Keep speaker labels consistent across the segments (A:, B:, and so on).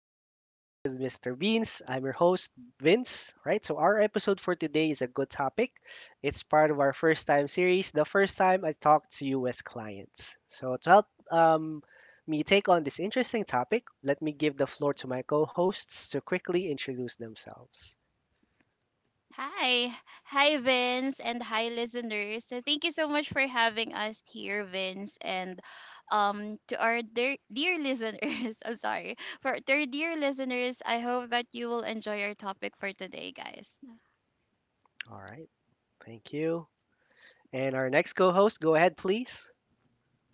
A: to It's All in the Mind with Mr. Beans. I'm your host, Vince. Right, so our episode for today is a good topic. It's part of our first time series, the first time I talked to you as clients. So, to help me take on this interesting topic, let me give the floor to my co hosts to quickly introduce themselves.
B: Hi. Hi, Vince, and hi, listeners. So, thank you so much for having us here, Vince, and to our dear, dear listeners. I'm sorry. For To our dear listeners, I hope that you will enjoy our topic for today, guys.
A: All right, thank you. And our next co host, go ahead, please.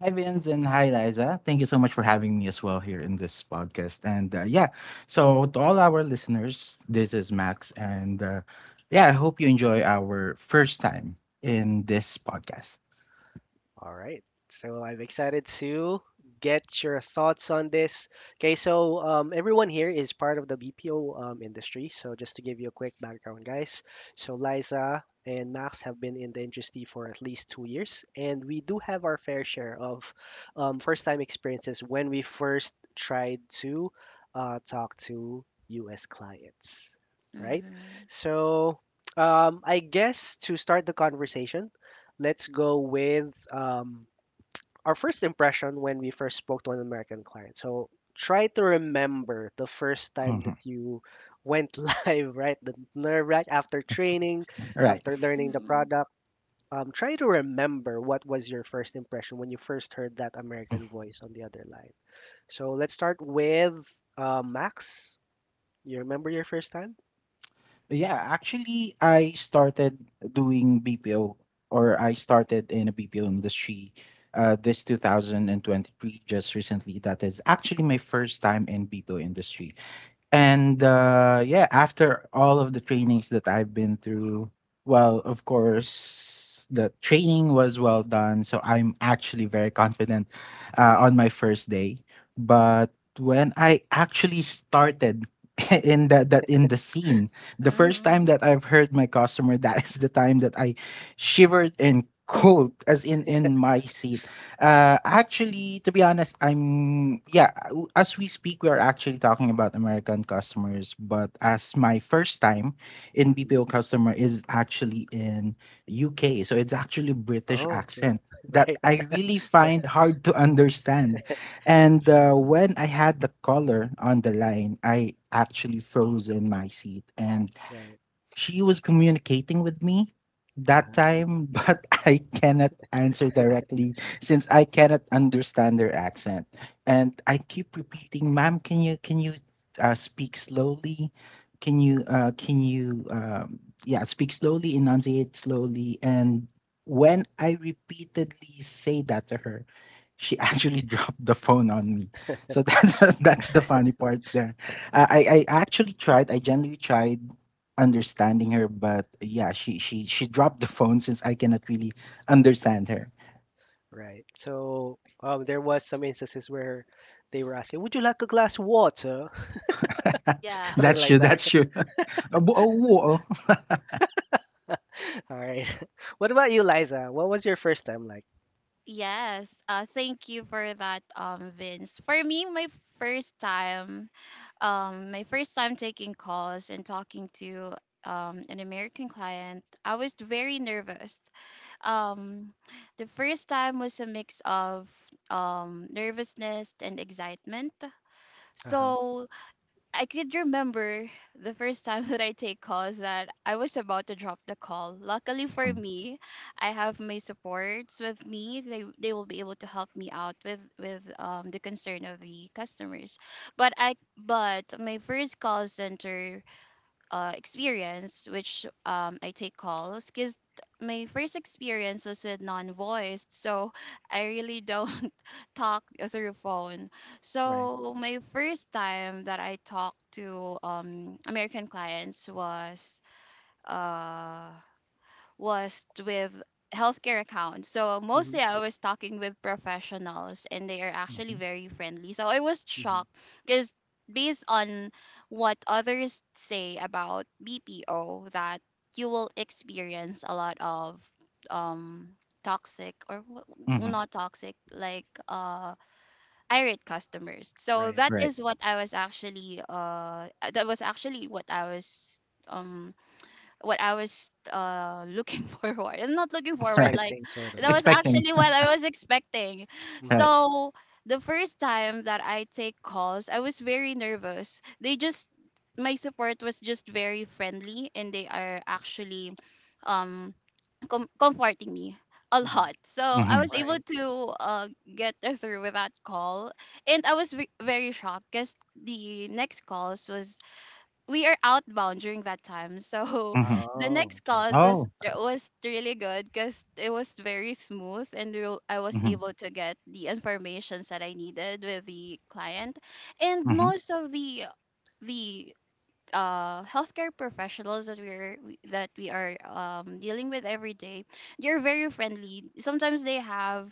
C: Hi, Vince, and hi, Liza. Thank you so much for having me as well here in this podcast. And yeah, so to all our listeners, this is Max. And yeah, I hope you enjoy our first time in this podcast.
A: All right. So I'm excited to get your thoughts on this. Okay, so everyone here is part of the BPO industry. So just to give you a quick background, guys. So Liza and Max have been in the industry for at least two years, and we do have our fair share of first-time experiences when we first tried to talk to U.S. clients, right?
B: Mm-hmm.
A: So I guess to start the conversation, let's go with our first impression when we first spoke to an American client. So try to remember the first time
C: Mhm.
A: that you went live, right? The nerve wrack after training,
C: All right.
A: after learning the
B: Mm-hmm.
A: product. Try to remember what was your first impression when you first heard that American voice on the other line. So let's start with Max. You remember your first time?
C: Yeah, actually, I started doing BPO or I started in a BPO industry this 2023, just recently. That is actually my first time in BPO industry. And, yeah, after all of the trainings that I've been through, well, of course, the training was well done. So I'm actually very confident
A: Hmm
C: on my first day. But when I actually started in that that in the scene, the first
B: Mm-hmm.
C: time that I've heard my customer, that is the time that I shivered and cold as in my seat actually, to be honest, as we speak, we are actually talking about American customers, but as my first time in
A: hmm
C: BPO customer is actually in UK, so it's actually British
A: Oh, okay.
C: accent that
A: Right,
C: I really find hard to understand. And
B: Oh,
C: when I had the caller on the line, I actually froze in my seat and
A: right.
C: she was communicating with me that
A: Uh-huh.
C: time, but I cannot answer directly since I cannot understand her accent. And I keep repeating, "Ma'am, can you speak slowly? Can you yeah, speak slowly, enunciate slowly?" And when I repeatedly say that to her, she actually dropped the phone on me. So that's that's the funny part there. I actually tried. I genuinely tried understanding her, but yeah, she dropped the phone since I cannot really understand her.
A: Right. So there was some instances where they were asking, "Would you like a glass of water?"
B: yeah.
A: Something
C: That's
A: like
C: true.
A: that.
C: That's true. Oh, oh,
A: Right? All right. What about you, Liza? What was your first time like?
B: Yes, thank you for that, Vince. For me, first time, my first time taking calls and talking to an American client, I was very nervous. Um, the first time was a mix of nervousness and excitement.
A: Uh huh.
B: So I could remember the first time that I take calls that I was about to drop the call. Luckily
C: oh.
B: for
C: Hmm.
B: me, I have my supports with me. They will be able to help me out with the concern of the customers. But my first call center experience, which I take calls, because my first experience was with non-voiced, so I really don't talk through phone.
A: Right.
B: So my first time that I talked to American clients was, uh, with healthcare accounts. So
A: Mhm.
B: mostly I was talking with professionals and they are actually very friendly. So I was
A: Mhm.
B: shocked because based on what others say about BPO that you will experience a lot of um toxic, or not toxic, like irate customers. So
A: Right.
B: that
C: Right.
B: is what I was actually, that was actually what I was, um what I was, looking forward. I'm not looking forward,
C: Right.
B: like
A: Expecting sort of.
B: that
A: Yeah.
B: was
C: Expecting.
B: actually what I was expecting.
C: Right.
A: Mhm.
B: So the first time that I take calls, I was very nervous. They just My support was just very friendly and they are actually um comforting me a
A: Mhm.
B: lot. So I
C: Hmm.
B: was able
A: Right.
B: to uh get through with that call, and I was very shocked because the next calls was, we are outbound during that time. So
C: Hmm.
B: the
A: Oh.
B: next
A: Okay.
B: calls was
C: Oh.
B: it was really good because it was very smooth, and I was
C: Hmm.
B: able to get the informations that I needed with the client. And
C: Hmm.
B: most of the healthcare professionals that that we are dealing with every day, they're very friendly. Sometimes they have,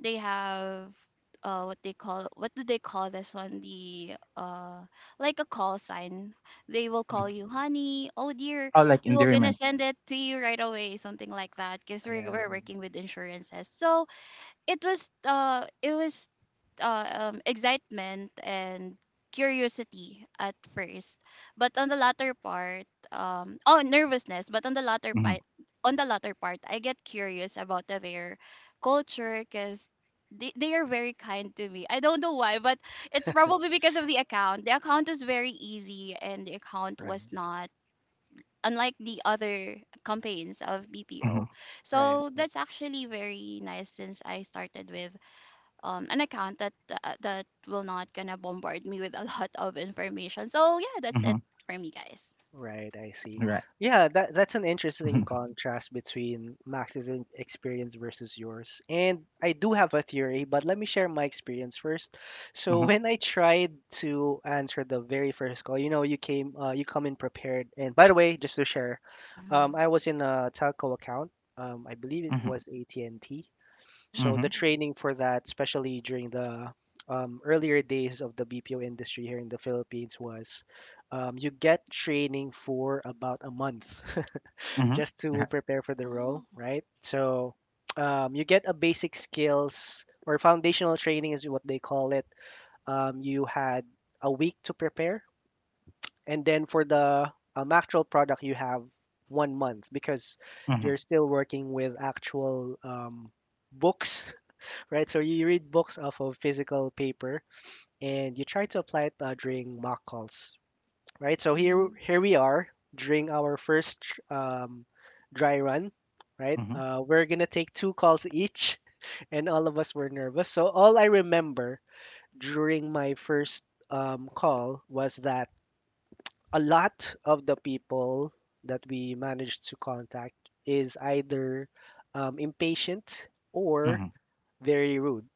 B: they have what do they call this one, the like a call sign. They will call
A: Mhm.
B: you honey, oh dear,
C: Oh, like
B: we will gonna
C: endearment.
B: send it to you right away, something like that, because we're,
A: Yeah.
B: we're
A: Mm.
B: working with insurances. So it was excitement and curiosity at first, but on the latter part, oh, nervousness. But on the latter
C: Hmm.
B: part, I get curious about their culture because they are very kind to me. I don't know why, but it's probably because of The account was very easy, and the account
A: Right.
B: was not unlike the other campaigns of
C: Hmm.
B: BPO.
A: Right.
B: So that's actually very nice, since I started with an account that will not gonna bombard me with a lot of information. So yeah, that's it
C: Hmm.
B: for me, guys.
A: Right, I see.
C: Right.
A: Yeah, that's an interesting
C: Hmm.
A: contrast between Max's experience versus yours. And I do have a theory, but let me share my experience first. So
C: Hmm.
A: when I tried to answer the very first call, you know, you came, you come in prepared. And by the way, just to share,
B: Mm-hmm.
A: I was in a telco account. I believe it
C: Hmm.
A: was AT&T. So the
C: Hmm.
B: Oh,
A: training for that, especially during the earlier days of the BPO industry here in the Philippines, was you get training for about a month
C: Hmm.
A: just to
C: Right.
A: prepare for the role,
B: oh.
A: right? So you get a basic skills or foundational training is what they call it. You had a week to prepare, and then for the actual product, you have one month because you're still working with actual books right? So you read books off of physical paper and you try to apply it during mock calls, right? So here
B: Mm-hmm.
A: here we are during our first um, dry run, right? We're gonna take two calls each, and all of us were nervous. So all I remember during my first call was that a lot of the people that we managed to contact is either impatient
C: Hmm. Hmm.
A: or
C: Hmm.
A: very rude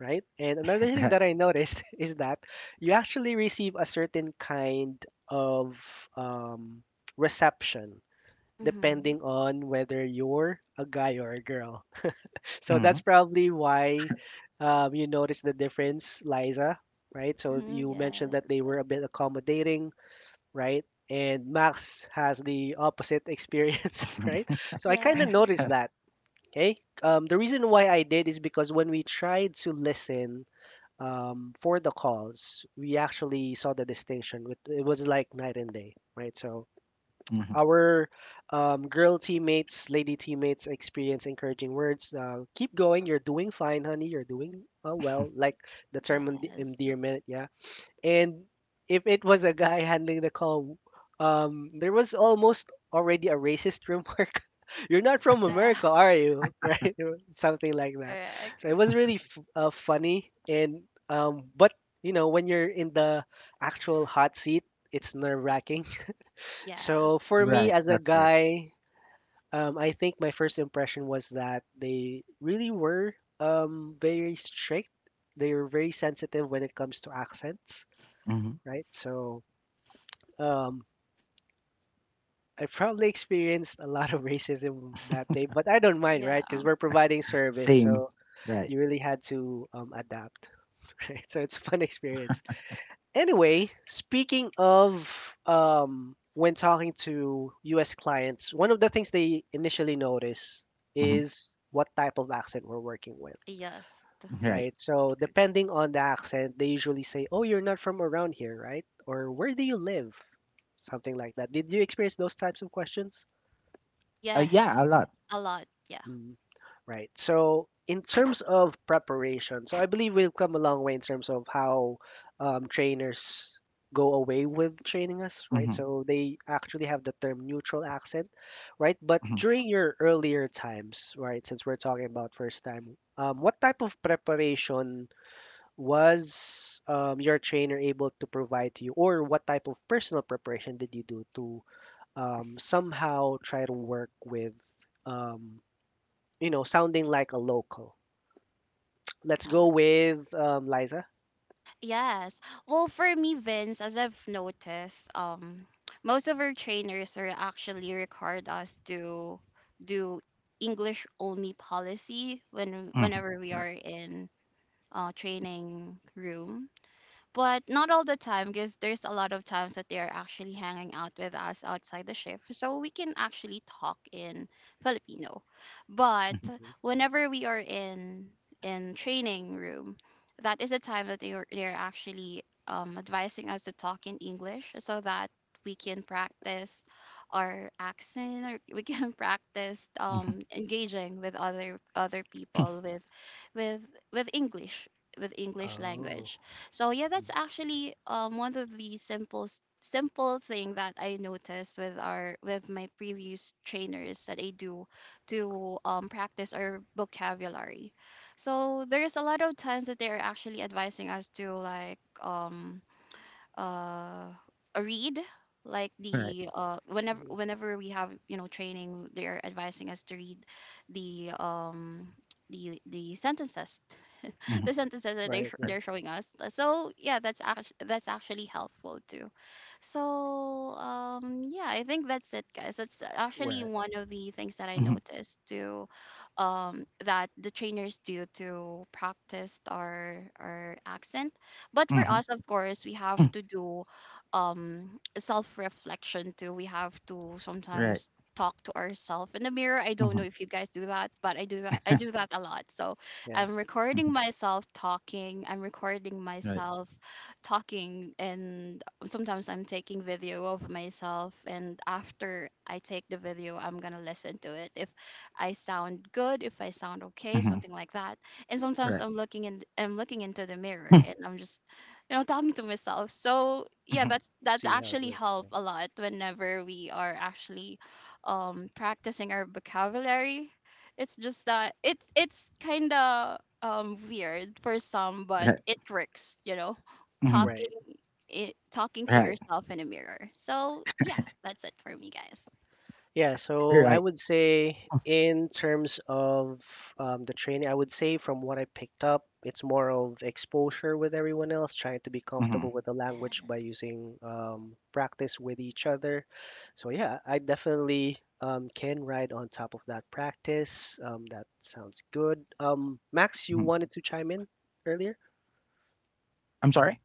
A: right? And another thing
C: Right.
A: that I noticed is that you actually receive a certain kind of um, reception
B: Mm-hmm.
A: depending on whether you're a guy or a girl. So that's
C: Hmm.
A: probably why you notice the difference, Liza, right? So
B: Mm-hmm.
A: you mentioned that they were
B: Yes.
A: a bit accommodating, right? And Max has the opposite experience, right? So I kind
B: Yeah.
A: of noticed that. Okay. The reason why I did is because when we tried to listen for the calls, we actually saw the distinction. With, it was like night and day, right? So
C: Hmm.
A: our girl teammates, lady teammates experience encouraging words. Keep going. You're doing fine, honey. You're doing well. Like the term
B: Yes.
A: endearment, yeah. And if it was a guy handling the call, there was almost already a racist remark. You're not from
B: Yeah.
A: America, are you? Right? Something like that. So
B: Correct.
A: it was really funny. And but you know, when you're in the actual hot seat, it's nerve wracking.
B: Yes.
A: So for me
C: Right.
A: as a
C: That's correct.
A: guy, I think my first impression was that they really were very strict. They were very sensitive when it comes to accents,
C: Hmm.
A: right? So um, I probably experienced a lot of racism that day, but I don't mind,
B: Yeah.
A: right? Because we're providing service,
C: Same.
A: so
C: Right.
A: you really had to adapt, right? So it's a fun experience. Anyway, speaking of when talking to U.S. clients, one of the things they initially notice
C: Hmm.
A: is what type of accent we're working with,
B: Yes.
C: Right.
A: right? So depending on the accent, they usually say, "Oh, you're not from around here, right?" Or "Where do you live?" Something like that. Did you experience those types of questions?
C: Yeah, a
B: Yes.
C: lot.
B: A lot. Yeah.
A: Mm, right. So, in terms of preparation, so I believe we've come a long way in terms of how trainers go away with training us, right?
C: Mhm.
A: So they actually have the term neutral accent, right? But
C: Mhm.
A: during your earlier times, right, since we're talking about first time, what type of preparation was your trainer able to provide to you, or what type of personal preparation did you do to somehow try to work with? um, you know, sounding like a local. Let's go
B: Yeah.
A: with Liza.
B: Yes. Well, for me, Vince, as I've noticed, most of our trainers are actually required us to do English only policy,
C: Mhm.
B: whenever we
C: Right.
B: are in training room, but not all the time, because there's a lot of times that they are actually hanging out with us outside the shift, so we can actually talk in Filipino. But
C: Mhm.
A: Hmm
B: whenever we are in training room, that is the time that they are actually advising us to talk in English, so that we can practice our accent, or we can practice,
C: Mhm.
B: engaging with other people with with english with English
A: Oh,
B: language. So yeah, that's actually one of the simple simple thing that I noticed with our with my previous trainers, that I do to practice our vocabulary. So there's a lot of times that they're actually advising us to, like, uh read, like
C: Right.
B: the whenever
A: mhm.
B: we have, training, they're advising us to read the um the sentences, the
C: Mhm.
B: sentences that they
A: Right.
B: sh-
A: Yeah,
C: Right.
B: they're showing us. So yeah, that's actually helpful too. So yeah, I think that's it, guys. That's actually
A: right.
B: one of the things that I
C: Mhm.
B: noticed too, that the trainers do to practice our accent. But for us,
C: Mhm.
B: of course, we have to do self reflection too. We have to
C: Right.
B: sometimes talk to ourselves in the mirror. I don't know
C: Mhm.
B: if you guys do that, but I do that a lot. So
A: Yeah.
B: I'm
C: Mhm.
B: recording myself talking. I'm recording
C: Right.
B: myself talking, and sometimes I'm taking video of myself. And after I take the video, I'm gonna listen to it, if I sound good, if I sound okay,
C: Mhm.
B: something like that. And sometimes
C: Right.
B: I'm looking into the mirror,
C: Mhm.
B: and I'm just talking to myself. So yeah,
C: Mhm.
B: that's
A: See how it
B: actually
A: works.
B: help
A: Yeah.
B: a lot whenever we are actually practicing our vocabulary. It's just that it's kind of weird for some, but
C: Right.
B: it works, you know,
C: Mhm.
B: talking
A: Right.
B: talking to
C: Right.
B: yourself in a mirror. So yeah, that's it for me, guys.
A: Yeah, so I
C: Right.
A: would say in terms of the training, I would say from what I picked up, it's more of exposure with everyone else, trying to be
C: Mhm.
A: comfortable with the language by
B: Yes.
A: using practice with each other. So yeah, I definitely can ride on top of that practice. That sounds good. Max, you
C: Mhm.
A: wanted to chime in earlier?
C: I'm sorry?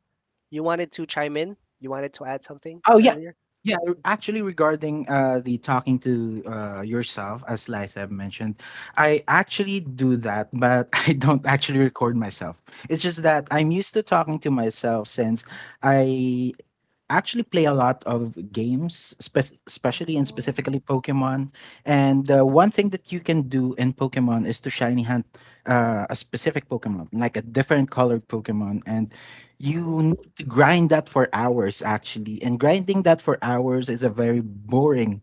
A: You wanted to chime in? You wanted to add something
C: Oh, yeah.
A: earlier?
C: Yeah, actually, regarding the talking to yourself, as Liza have mentioned, I actually do that, but I don't
B: Mhm.
C: actually record myself. It's just that I'm used to talking to myself since I I actually play a lot of games, especially and
B: Oh.
C: specifically Pokemon. And one thing that you can do in Pokemon is to shiny hunt a specific Pokemon, like a different colored Pokemon, and
B: Mm-hmm.
C: you
A: Oh,
C: need to grind that for hours actually. And grinding that for hours is a very boring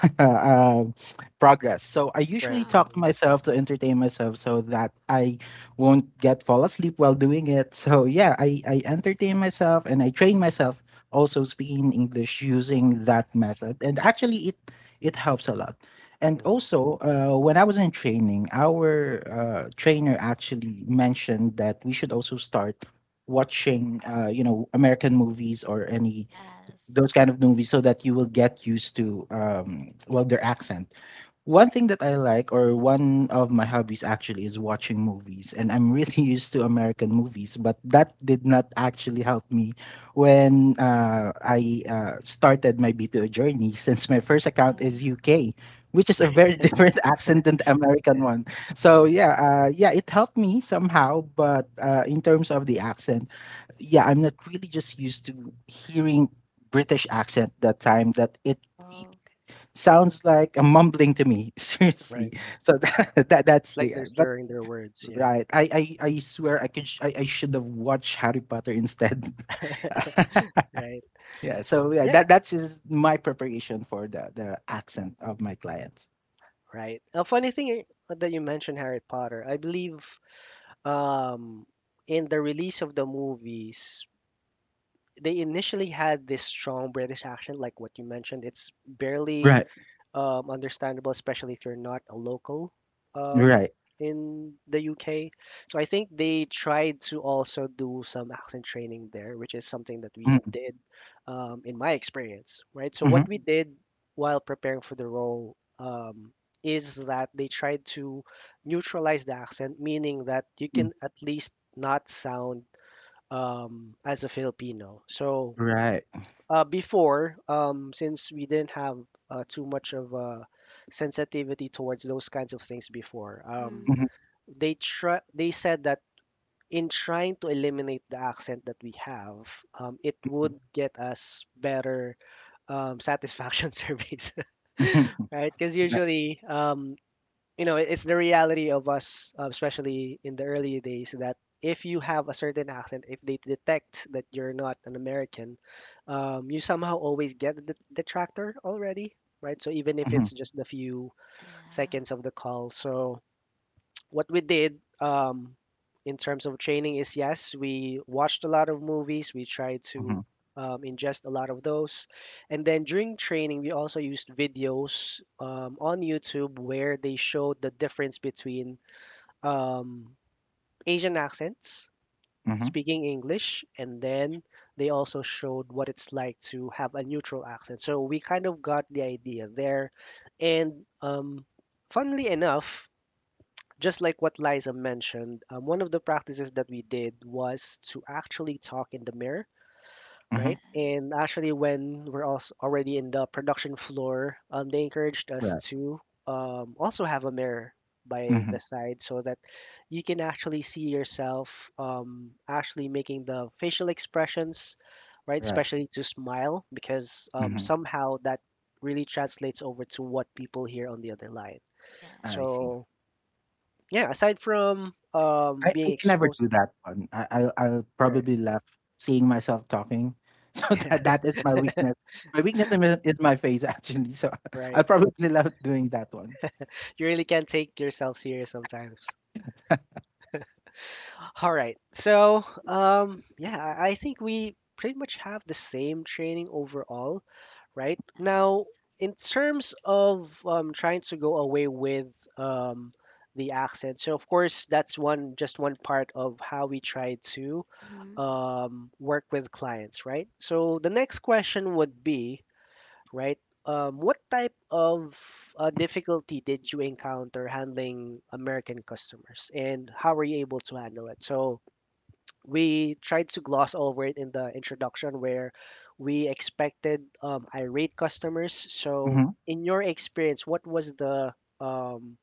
C: um, progress. So I usually
A: right.
B: Yeah.
C: talk to
A: Mm,
C: myself to entertain myself so that I won't get fall asleep while doing it. So yeah, I entertain myself and I train myself also speaking in English using that method. And actually it helps a lot. And
A: mhm.
C: also, when I was in training, our trainer actually mentioned that we should also start watching, American movies or any
B: Yes.
C: those kind of movies so that you will get used to well their accent. One thing that I like, or one of my hobbies actually, is watching movies. And I'm really used to American movies, but that did not actually help me when I started my BPO journey, since my first account
B: Yeah.
C: is UK, which is a very
A: Right.
C: different accent than the American
A: Yeah,
C: one. So,
A: yeah,
C: yeah, yeah, it helped me somehow. But in terms of the accent, yeah, I'm not really just used to hearing British accent that time that it
B: Oh. Okay.
C: sounds like a mumbling to me seriously
A: right.
C: so that, that that's
A: Like
C: the
A: they're
C: but
A: slurring their words. Yeah,
C: right, I swear I could sh- I should have watched Harry Potter instead.
A: right.
C: Yeah, so yeah,
A: Yeah,
C: that's is my preparation for the accent of my clients.
A: right. A funny thing that you mentioned Harry Potter. I believe um, in the release of the movies, they initially had this strong British accent, like what you mentioned. It's barely
C: Right.
A: understandable, especially if you're not a local um,
C: Right.
A: in the UK. So I think they tried to also do some accent training there, which is something that we
C: Mm.
A: did in my experience, right? So
C: Mhm.
A: what we did while preparing for the role is that they tried to neutralize the accent, meaning that you
C: Mm.
A: can at least not sound as a Filipino. So
C: Right.
A: before, since we didn't have too much of sensitivity towards those kinds of things before,
B: Mm-hmm.
C: Mhm.
A: they said that in trying to eliminate the accent that we have, it would get us better satisfaction surveys.
C: Mhm.
A: Right, because
C: Right.
A: usually you know, it's the reality of us, especially in the early days, that if you have a certain accent, if they detect that you're not an American, you somehow always get the detractor already, right? So even if
C: Mhm.
A: it's just the few
B: Yeah.
A: seconds of the call, so what we did in terms of training is yes, we watched a lot of movies. We tried to
C: Mhm.
A: ingest a lot of those. And then during training, we also used videos on YouTube where they showed the difference between um, Asian accents,
C: Mhm.
A: speaking English, and then they also showed what it's like to have a neutral accent. So we kind of got the idea there. And funnily enough, just like what Liza mentioned, one of the practices that we did was to actually talk in the mirror,
C: Mhm.
B: Yeah.
A: right? And actually, when we're also already in the production floor, they encouraged us
C: Right.
A: to also have a mirror by
C: Mhm.
A: the side so that you can actually see yourself actually making the facial expressions, right?
C: Right.
A: Especially to smile, because
C: Mhm.
A: somehow that really translates over to what people hear on the other line.
C: I
B: Yes.
C: see.
A: So yeah, aside from
C: I
A: being
C: can never
A: exposed
C: do that one. I'll
A: right.
C: probably laugh seeing myself talking. So that that is my weakness. My weakness is my face actually. So
A: Right.
C: I'll probably love doing that one.
A: You really can't take yourself serious sometimes. All right. So, yeah, I think we pretty much have the same training overall, right?
B: Yes.
A: Now, in terms of trying to go away with um the accent. So, of course, that's one just one part of how we try to
B: Mm-hmm.
A: work with clients, right? So, the next question would be right? What type of difficulty did you encounter handling American customers, and how were you able to handle it? So we tried to gloss over it in the introduction, where we expected irate customers. So
C: Mm-hmm.
A: in your experience, what was the um,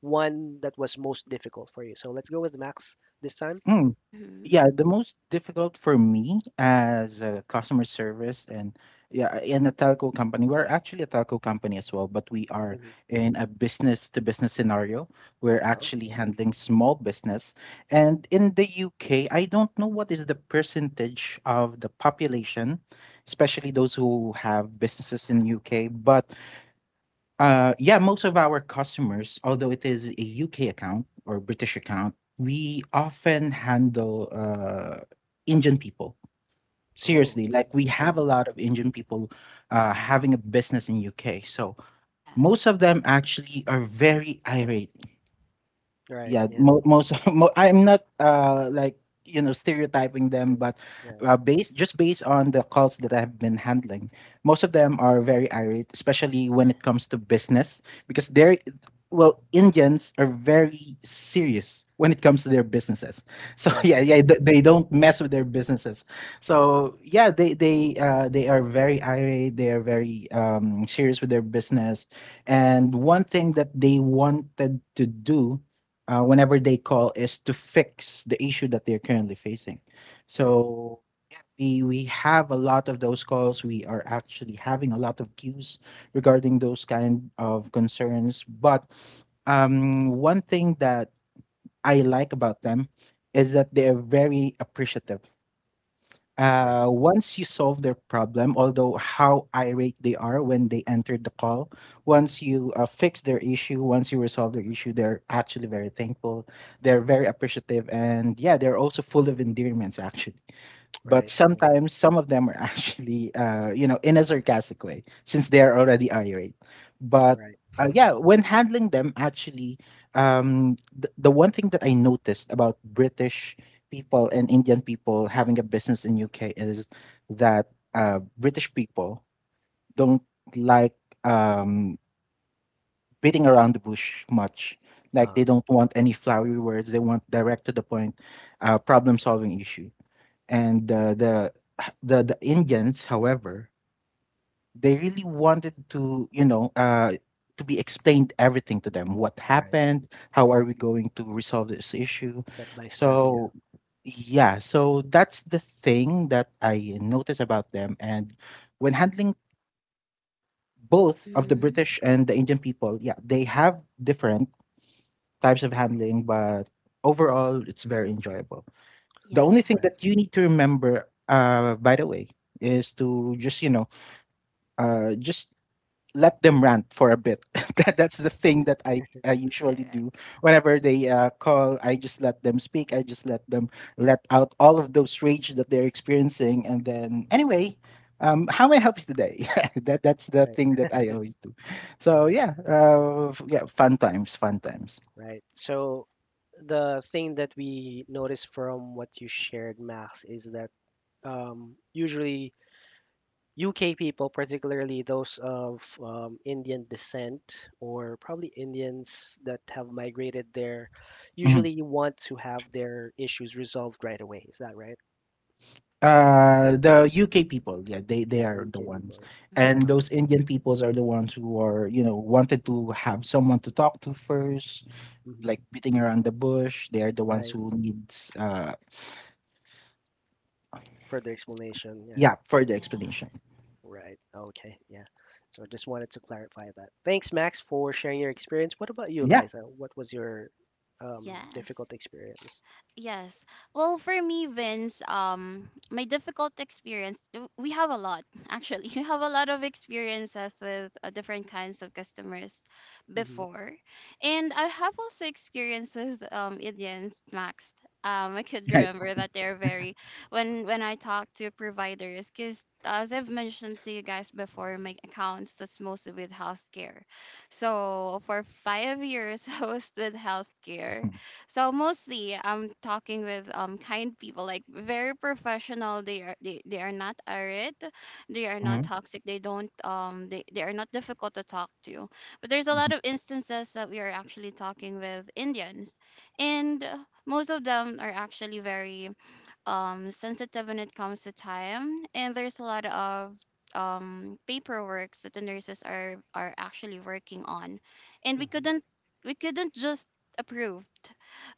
A: one that was most difficult for you? So let's go with Max this time.
C: Hmm.
B: Mm-hmm.
C: Yeah, the most difficult for me as a customer service and yeah, in a telco company, we're actually a telco company as well, but we are
A: Hmm
C: in a business to business scenario. We're
A: Oh,
C: actually
A: okay.
C: handling small business. And in the UK, I don't know what is the percentage of the population, especially those who have businesses in UK, but yeah, most of our customers, although it is a UK account or British account, we often handle Indian people.
A: Oh,
C: Seriously,
A: okay.
C: like we
A: Yeah.
C: have a lot
A: hmm
C: of Indian people having a business in UK. So most
B: Yes.
C: of them actually are very irate.
A: Right.
C: yeah
A: Yeah.
C: mo- most I'm not like stereotyping them,
A: Okay.
C: but
A: Yeah.
C: based, just based on the calls that I've been handling, most of them are very irate, especially when it
B: Yes.
C: comes to business, because they're well, Indians are very serious when it comes to their businesses. So
A: Right. Yeah.
C: they don't mess with their businesses. So yeah, they are very irate. They are very serious with their business, and one thing that they wanted to do whenever they call is to fix the issue that they're currently facing.
A: hmm
C: So yeah, we have a lot of those calls. We are actually having a lot of queues regarding those kind of concerns. But one thing that I like about them is that they're very appreciative
A: Right.
C: once you solve their problem, although how irate they are when they entered the call, once you fix their issue, once you resolve their issue, they're actually very thankful. They're very appreciative. And yeah, they're also full of endearments, actually. But
A: Right.
C: sometimes some of them are actually, in a sarcastic way, since they are already irate. But
A: Right.
C: yeah, when handling them, actually, the one thing that I noticed about British people and Indian people having a business in UK is that British people don't like um, beating around the bush much. Like
A: Uh,
C: they don't want any flowery words. They want direct to the point, problem solving issue, and the Indians, however, they really wanted to to be explained everything to them. What
A: right.
C: happened? How are we going to resolve this issue?
A: Step by step, yeah.
C: So yeah, so that's the thing that I notice about them. And when handling both of the
B: Mm-hmm.
C: British and the Indian people, yeah, they have different types of handling, but overall, it's very enjoyable. The
B: Yeah.
C: only thing
A: Right.
C: that you need to remember, by the way, is to just uh, just let them rant for a bit. That's the thing
A: Right.
C: that I usually do
B: Correct.
C: whenever they call. I just let them speak. I just let them let out all of those rage that they're experiencing, and then anyway. How may I help you today? That's the
A: Right.
C: thing that I always do. So yeah, yeah, fun times, fun times.
A: Right. So the thing that we noticed from what you shared, Max, is that usually UK people, particularly those of Indian descent or probably Indians that have migrated there,
C: Mhm.
A: usually want to have their issues resolved right away. Is that right?
C: The UK people, yeah, they
A: Yeah, the
C: are the
A: UK
C: ones,
A: people,
B: Mm-hmm.
C: and
A: yeah.
C: those Indian peoples are the ones who are wanted to have someone to talk to first,
A: Mhm.
C: like beating around the bush. They are the ones
A: Right.
C: who needs,
A: Further explanation, yeah.
C: yeah, further explanation.
A: Right. Okay. Yeah. So I just wanted to clarify that. Thanks, Max, for sharing your experience. What about you,
C: Yeah,
A: Liza? What was your
B: Yes.
A: difficult experience?
B: Yes. Well, for me, Vince, my difficult experience, we have a lot, actually. We have a lot of experiences with different kinds of customers
A: Mm-hmm.
B: before. And I have also experienced with Indians, Max. I could
C: right.
B: remember that they're very, when I talk to providers, because as I've mentioned to you guys before, my accounts that's mostly with healthcare. So for 5 years, I was with healthcare.
C: Mm-hmm.
B: So mostly I'm talking with kind people, like very professional. They are not arid, they are not
C: Mm-hmm.
B: toxic, they don't they are not difficult to talk to. But there's a
C: Mm-hmm.
B: lot of instances that we are actually talking with Indians, and most of them are actually very sensitive when it comes to time. And there's a lot of paperwork that the nurses are actually working on, and
A: Mm-hmm.
B: we couldn't just approved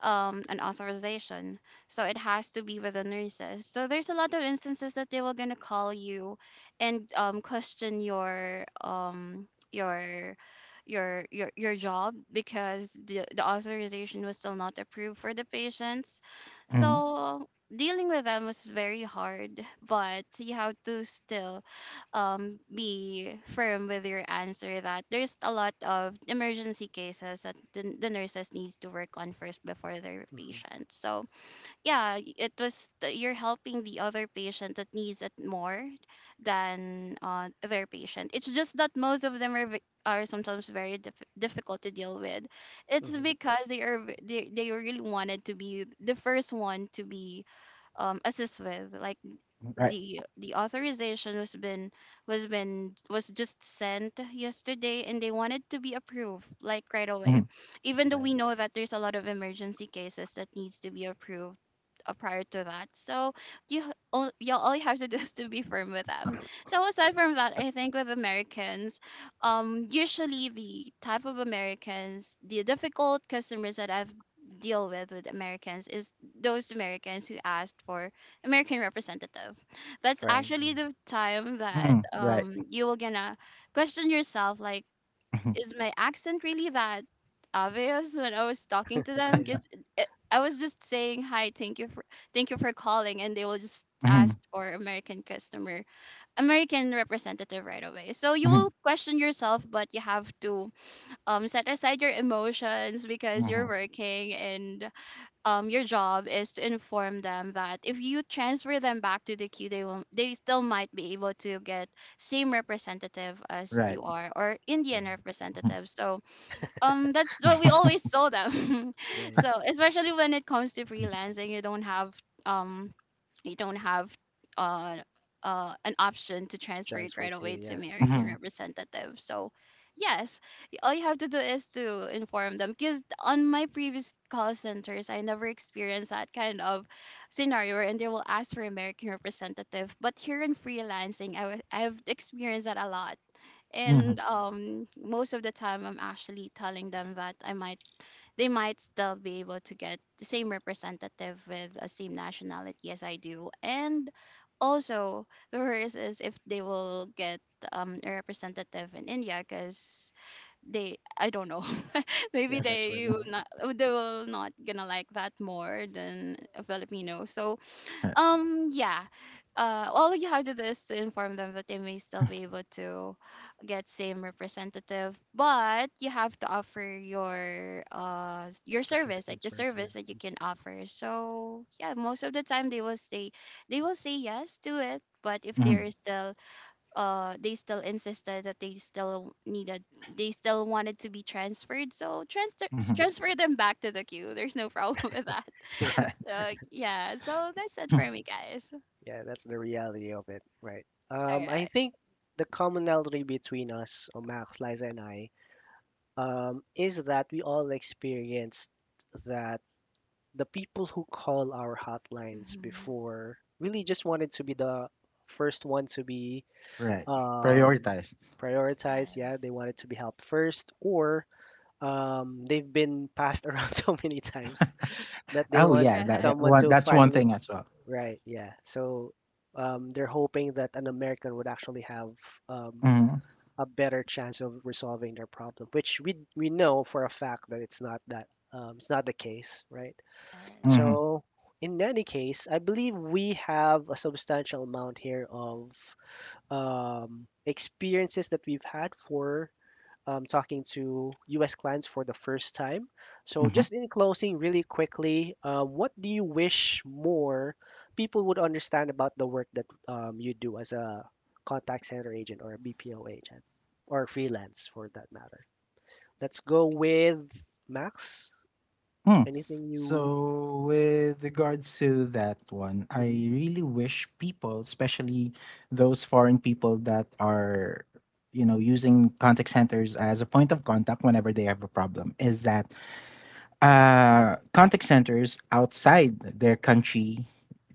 B: an authorization, so it has to be with the nurses. So there's a lot of instances that they were gonna call you, and question your job, because the authorization was still not approved for the patients.
C: Mm-hmm.
B: So dealing with them was very hard, but you have to still be firm with your answer, that there's a lot of emergency cases that the nurses needs to work on first before their
A: Mm-hmm.
B: patients. So yeah, you're helping the other patient that needs it more than, their patient. It's just that most of them are sometimes very difficult to deal with. It's
A: Mm-hmm.
B: because they really wanted to be the first one to be assist with, like,
C: Right.
B: the authorization was just sent yesterday, and they wanted to be approved like right away,
C: Mm-hmm.
B: even though we
A: Right.
B: know that there's a lot of emergency cases that needs to be approved, prior to that. So you h- all you have to do is to be firm with them. So aside from that, I think with Americans, usually the type of Americans, the difficult customers that I've deal with Americans is those Americans who asked for American representative. That's
A: Right. Yeah.
B: actually the time that
C: Mm-hmm. Right.
B: you will gonna question yourself, like
C: Mm-hmm.
B: is my accent really that obvious when I was talking to them?
A: Yeah.
B: Because I was just saying hi, thank you for calling, and they will just
C: Mm-hmm.
B: ask for American customer, American representative right away. So you will
C: Mm-hmm.
B: question yourself, but you have to set aside your emotions, because you're
C: Mm-hmm.
B: working, and your job is to inform them that if you transfer them back to the queue, they still might be able to get same representative as
C: Right.
B: you are, or Indian
A: Yeah.
C: Mhm.
B: representative. So that's what we always saw them
A: Yeah. It
B: so especially when it comes to freelancing um you don't have uh an option to transfer
A: jives
B: it right
A: for.
B: away to
A: Yeah.
B: American
C: Mhm.
B: representative. So yes, all you have to do is to inform them, because on my previous call centers I never experienced that kind of scenario, and they will ask for American representative. But here in freelancing, I was I w- I've experienced that a lot.
A: Mm-hmm.
B: And
C: Mhm.
B: most of the time I'm actually telling them that I might they might still be able to get the same representative with the same nationality as I do. And also, the worst is if they will get a representative in India, because they, I don't know, maybe
A: Yeah. That's where the
B: they will not gonna like that more than a Filipino. So
C: Right.
B: yeah. All you have to do is to inform them that they may still be able to get same representative, but you have to offer your your service, like
A: assistance
B: the
A: first.
B: service that you can offer. So yeah, most of the time they will say yes to it. But if
C: Mhm.
B: they're still they still insisted that they still wanted to be transferred, so
C: Mhm.
B: transfer them back to the queue. There's no problem with that.
A: Yeah.
C: Right.
A: Yeah.
B: Yeah, so that's
C: Mm.
B: it for me, guys.
A: Yeah. That's the reality of it. Right. I
B: Correct.
A: think the commonality between us, Max, Liza, and I, is that we all experienced that the people who call our hotlines
B: Hmm.
A: before really just wanted to be the first one to be
C: Right.
A: um,
C: Prioritize.
A: prioritized. Yeah,
B: Yes.
A: they wanted to be helped first, or they've been passed around so many times that they
C: Oh,
A: want
C: yeah,
B: Correct.
A: someone to
C: that's one
A: finally.
C: thing I saw.
A: Right, yeah. So they're hoping that an American would actually have um,
C: Mhm.
A: a better chance of resolving their problem, which we know for a fact that it's not that, it's not the case, right?
B: Yes.
C: Mhm.
A: So, in any case, I believe we have a substantial amount here of experiences that we've had for talking to US clients for the first time. So,
C: Mhm.
A: just in closing, really quickly, what do you wish more people would understand about the work that you do as a contact center agent or a BPO agent or freelance for that matter? Let's go with Max.
C: Hmm.
A: Anything you.
C: So with regards to that one, I
A: Mhm,
C: really wish people, especially those foreign people that are using contact centers as a point of contact whenever they have a problem, is that contact centers outside their country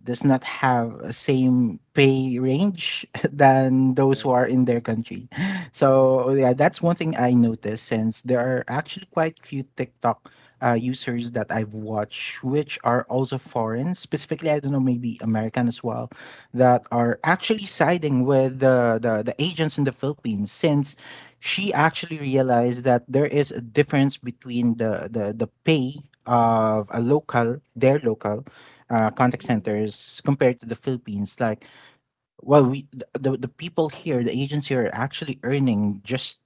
C: does not have a same pay range than those who
A: right.
C: are in their country. So yeah, that's one thing I noticed since there are actually quite few TikTok users that I've watched, which are also foreign, specifically I don't know maybe American as well, that
A: Mhm,
C: are actually siding with the agents in the Philippines since she actually realized that there is a difference between the pay of a local their local contact
B: Hmm.
C: centers compared to the Philippines. Like, well, we th- the people here, the agents here, are actually earning just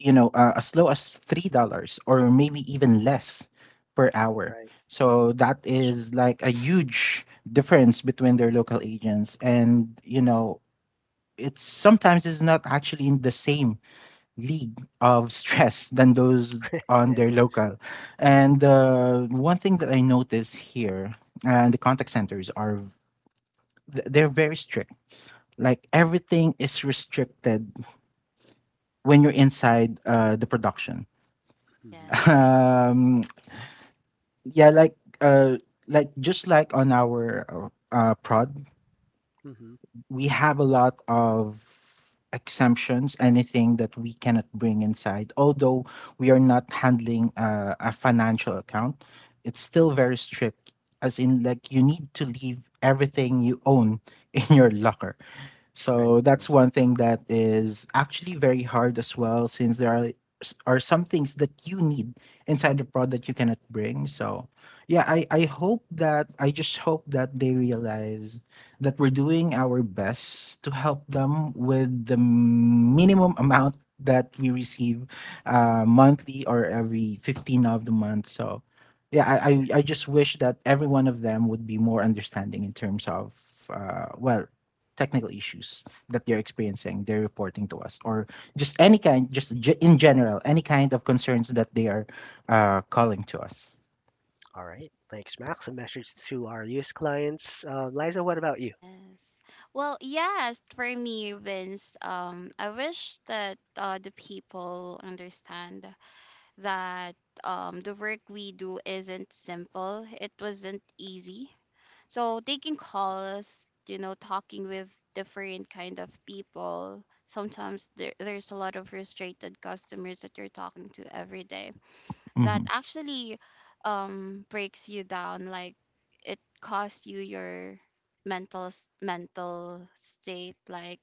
C: as low as $3 or maybe even less per hour.
A: right.
C: So that is like a huge difference between their local agents, and you know it's sometimes it's not actually in the same league of stress than those on
A: Yeah,
C: their local.
A: yeah,
C: And one thing that I notice here, the contact centers are they're very strict. Like everything is restricted when you're inside the production.
A: hmm,
B: Yes.
A: yeah,
C: Um, yeah, uh, like just like on our prod.
A: hmm,
C: We have a lot of exemptions, anything that we cannot bring inside. Although we are not handling a financial account, it's still very strict, as in, like, you need to leave everything you own in your locker.
A: right,
C: So
A: yeah,
C: that's one thing that is actually very hard as well, since there are are some things that you need inside the product you cannot bring. So yeah, I hope that I just hope that they realize that we're doing our best to help them with the minimum amount that we receive monthly or every 15 of the month. So yeah, I, I
A: yeah.
C: I just wish that every one of them would be more understanding in terms of well, technical issues that they're experiencing, they're reporting to us, or just any kind, just in general, any kind of concerns that they are calling to us.
A: All right, thanks, Max. A message to our youth clients. Liza, what about you?
B: Yes. Well, yes, for me, Vince, I wish that the people understand that the work we do isn't simple. It wasn't easy. So taking calls, you know, talking with different kind of people. Sometimes there's a lot of frustrated customers that you're talking to every day, that
C: Hmm.
B: actually breaks you down, like it costs you your mental state. Like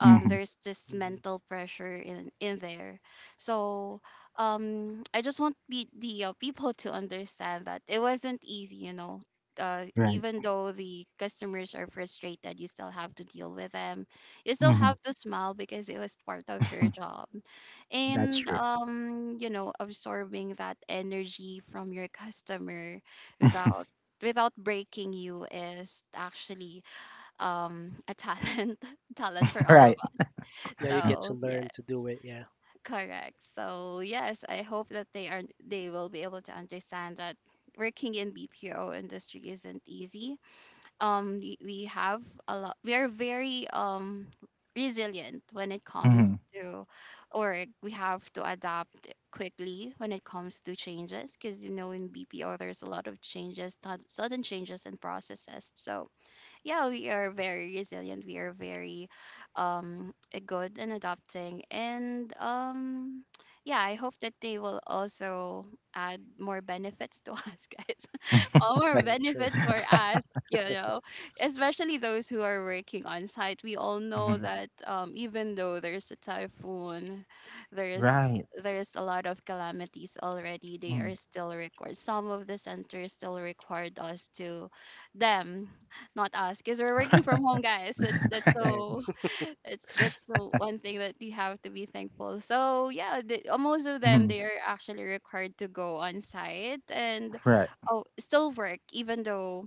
C: Hmm.
B: there's this
A: Hmm.
B: mental pressure in there. So I just want pe- the people to understand that it wasn't easy, you know.
C: Right.
B: Even though the customers are frustrated, you still have to deal with them. You still
C: Hmm.
B: have to smile, because it was part of your job.
C: That's
B: And
C: true.
B: you know, absorbing that energy from your customer without without breaking you is actually a talent, talent for all of
C: Right.
B: us.
A: Yeah, you get to
B: So yeah.
A: learn to do it. Yeah,
B: Correct. So yes, I hope that they will be able to understand that working in BPO industry isn't easy. We have a lot. We are very resilient when it comes
C: Hmm.
B: to, or we have to adapt quickly when it comes to changes, because you know in BPO there's a lot of changes, sudden changes and processes. So yeah, we are very resilient. We are very um good in adopting. And yeah, I hope that they will also add more benefits to us, guys. All more
C: Right.
A: yeah, true,
B: benefits for us. You know, especially those who are working on site. We all know
C: Hmm.
B: that even though there's a typhoon, there's
C: Right.
B: there's a lot of calamities already, they
C: Mm.
B: are still required. Some of the centers still required us to them, not us, because we're working from home, guys. That's
A: right.
B: it's that's so one thing that you have to be thankful. So yeah, the, most of them,
C: Mhm.
B: they are actually required to go on site and
C: Right.
B: oh still work, even though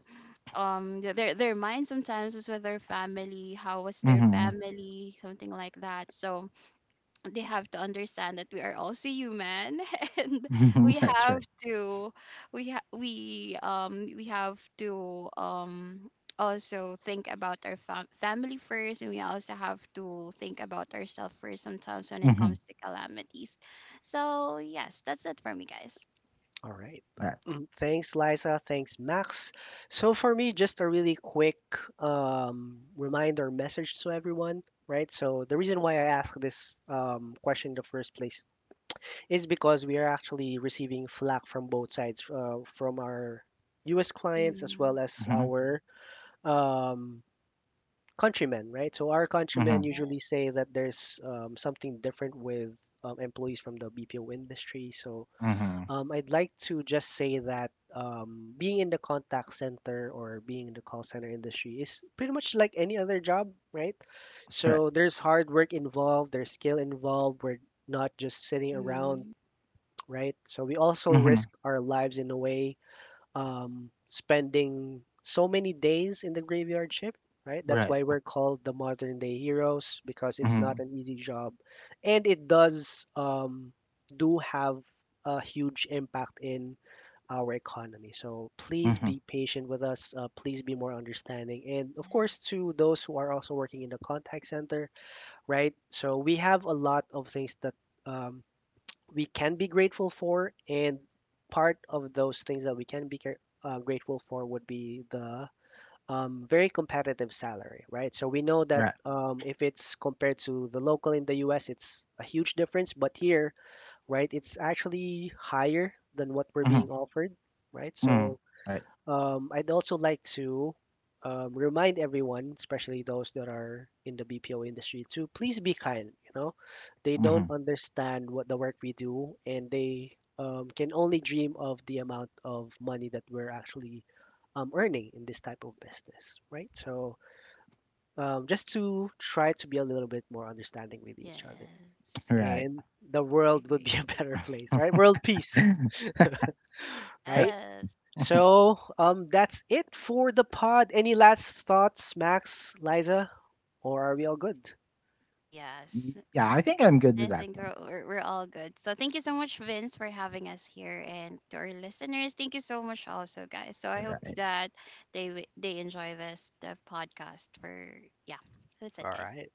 B: their mind sometimes is with their family, how was their
C: Hmm.
B: family, something like that. So they have to understand that we are also human, and we
C: That's
B: have
C: right.
B: to we ha- we have to also think about our family first, and we also have to think about ourselves first sometimes when it
C: Mm-hmm.
B: comes to calamities. So yes, that's it for me, guys.
A: All right.
C: Right.
A: Mm. Thanks, Liza. Thanks, Max. So for me, just a really quick reminder message to everyone, right? So the reason why I asked this question in the first place is because we are actually receiving flack from both sides, from our US clients as
B: Mm-hmm.
A: well as
C: Hmm.
A: our um, countrymen, right? So our
C: Hmm.
A: countrymen
C: Hmm.
B: Yes.
A: usually say that there's, something different with employees from the BPO industry. So I'd like to just say that being in the contact center or being in the call center industry is pretty much like any other job, right?
C: Right.
A: So there's hard work involved, there's skill involved. We're not just sitting around,
B: Mm-hmm.
A: right? So we also
C: Hmm.
A: risk our lives in a way, spending so many days in the graveyard shift, right? That's
C: Right.
A: why we're called the modern day heroes because it's not
C: Hmm.
A: an easy job, and it does, do have a huge impact in our economy. So please
C: Hmm.
A: be patient with us. Please be more understanding, and of course
B: Yes.
A: to those who are also working in the contact center, right? So we have a lot of things that. Um, we can be grateful for. And part of those things that we can be grateful for would be the very competitive salary, right? So we know that
C: Right.
A: if it's compared to the local in the US, it's a huge difference. But here, right, it's actually higher than what we're
C: Mm-hmm.
A: being offered, right?
C: Mm,
A: So
C: right.
A: I'd also like to remind everyone, especially those that are in the BPO industry, to please be kind. You know, they don't
C: Mhm.
A: understand what the work we do, and they, can only dream of the amount of money that we're actually earning in this type of business, right? So just to try to be a little bit more understanding with each other,
B: Yes.
C: Right.
A: and the
B: I
A: world would
B: agree.
A: be a better place, right? World peace, right?
B: Yes.
A: So, that's it for the pod. Any last thoughts, Max, Liza, or are we all good?
B: Yes.
C: Yeah, I think I'm good with
B: I
C: that
B: think
C: one.
B: we're, we're we're all good. So thank you so much, Vince, for having us here, and to our listeners, thank you so much also, guys. So I hope
C: Right.
B: that they enjoy this the podcast. For yeah, that's it,
A: All
B: guys.
A: right.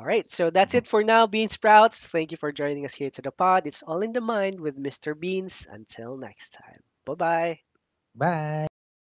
A: All right. So that's
C: Mhm.
A: it for now, Bean Sprouts. Thank you for joining us here to the pod. It's all in the mind with Mr. Beans. Until next time. Bye bye.
C: Bye.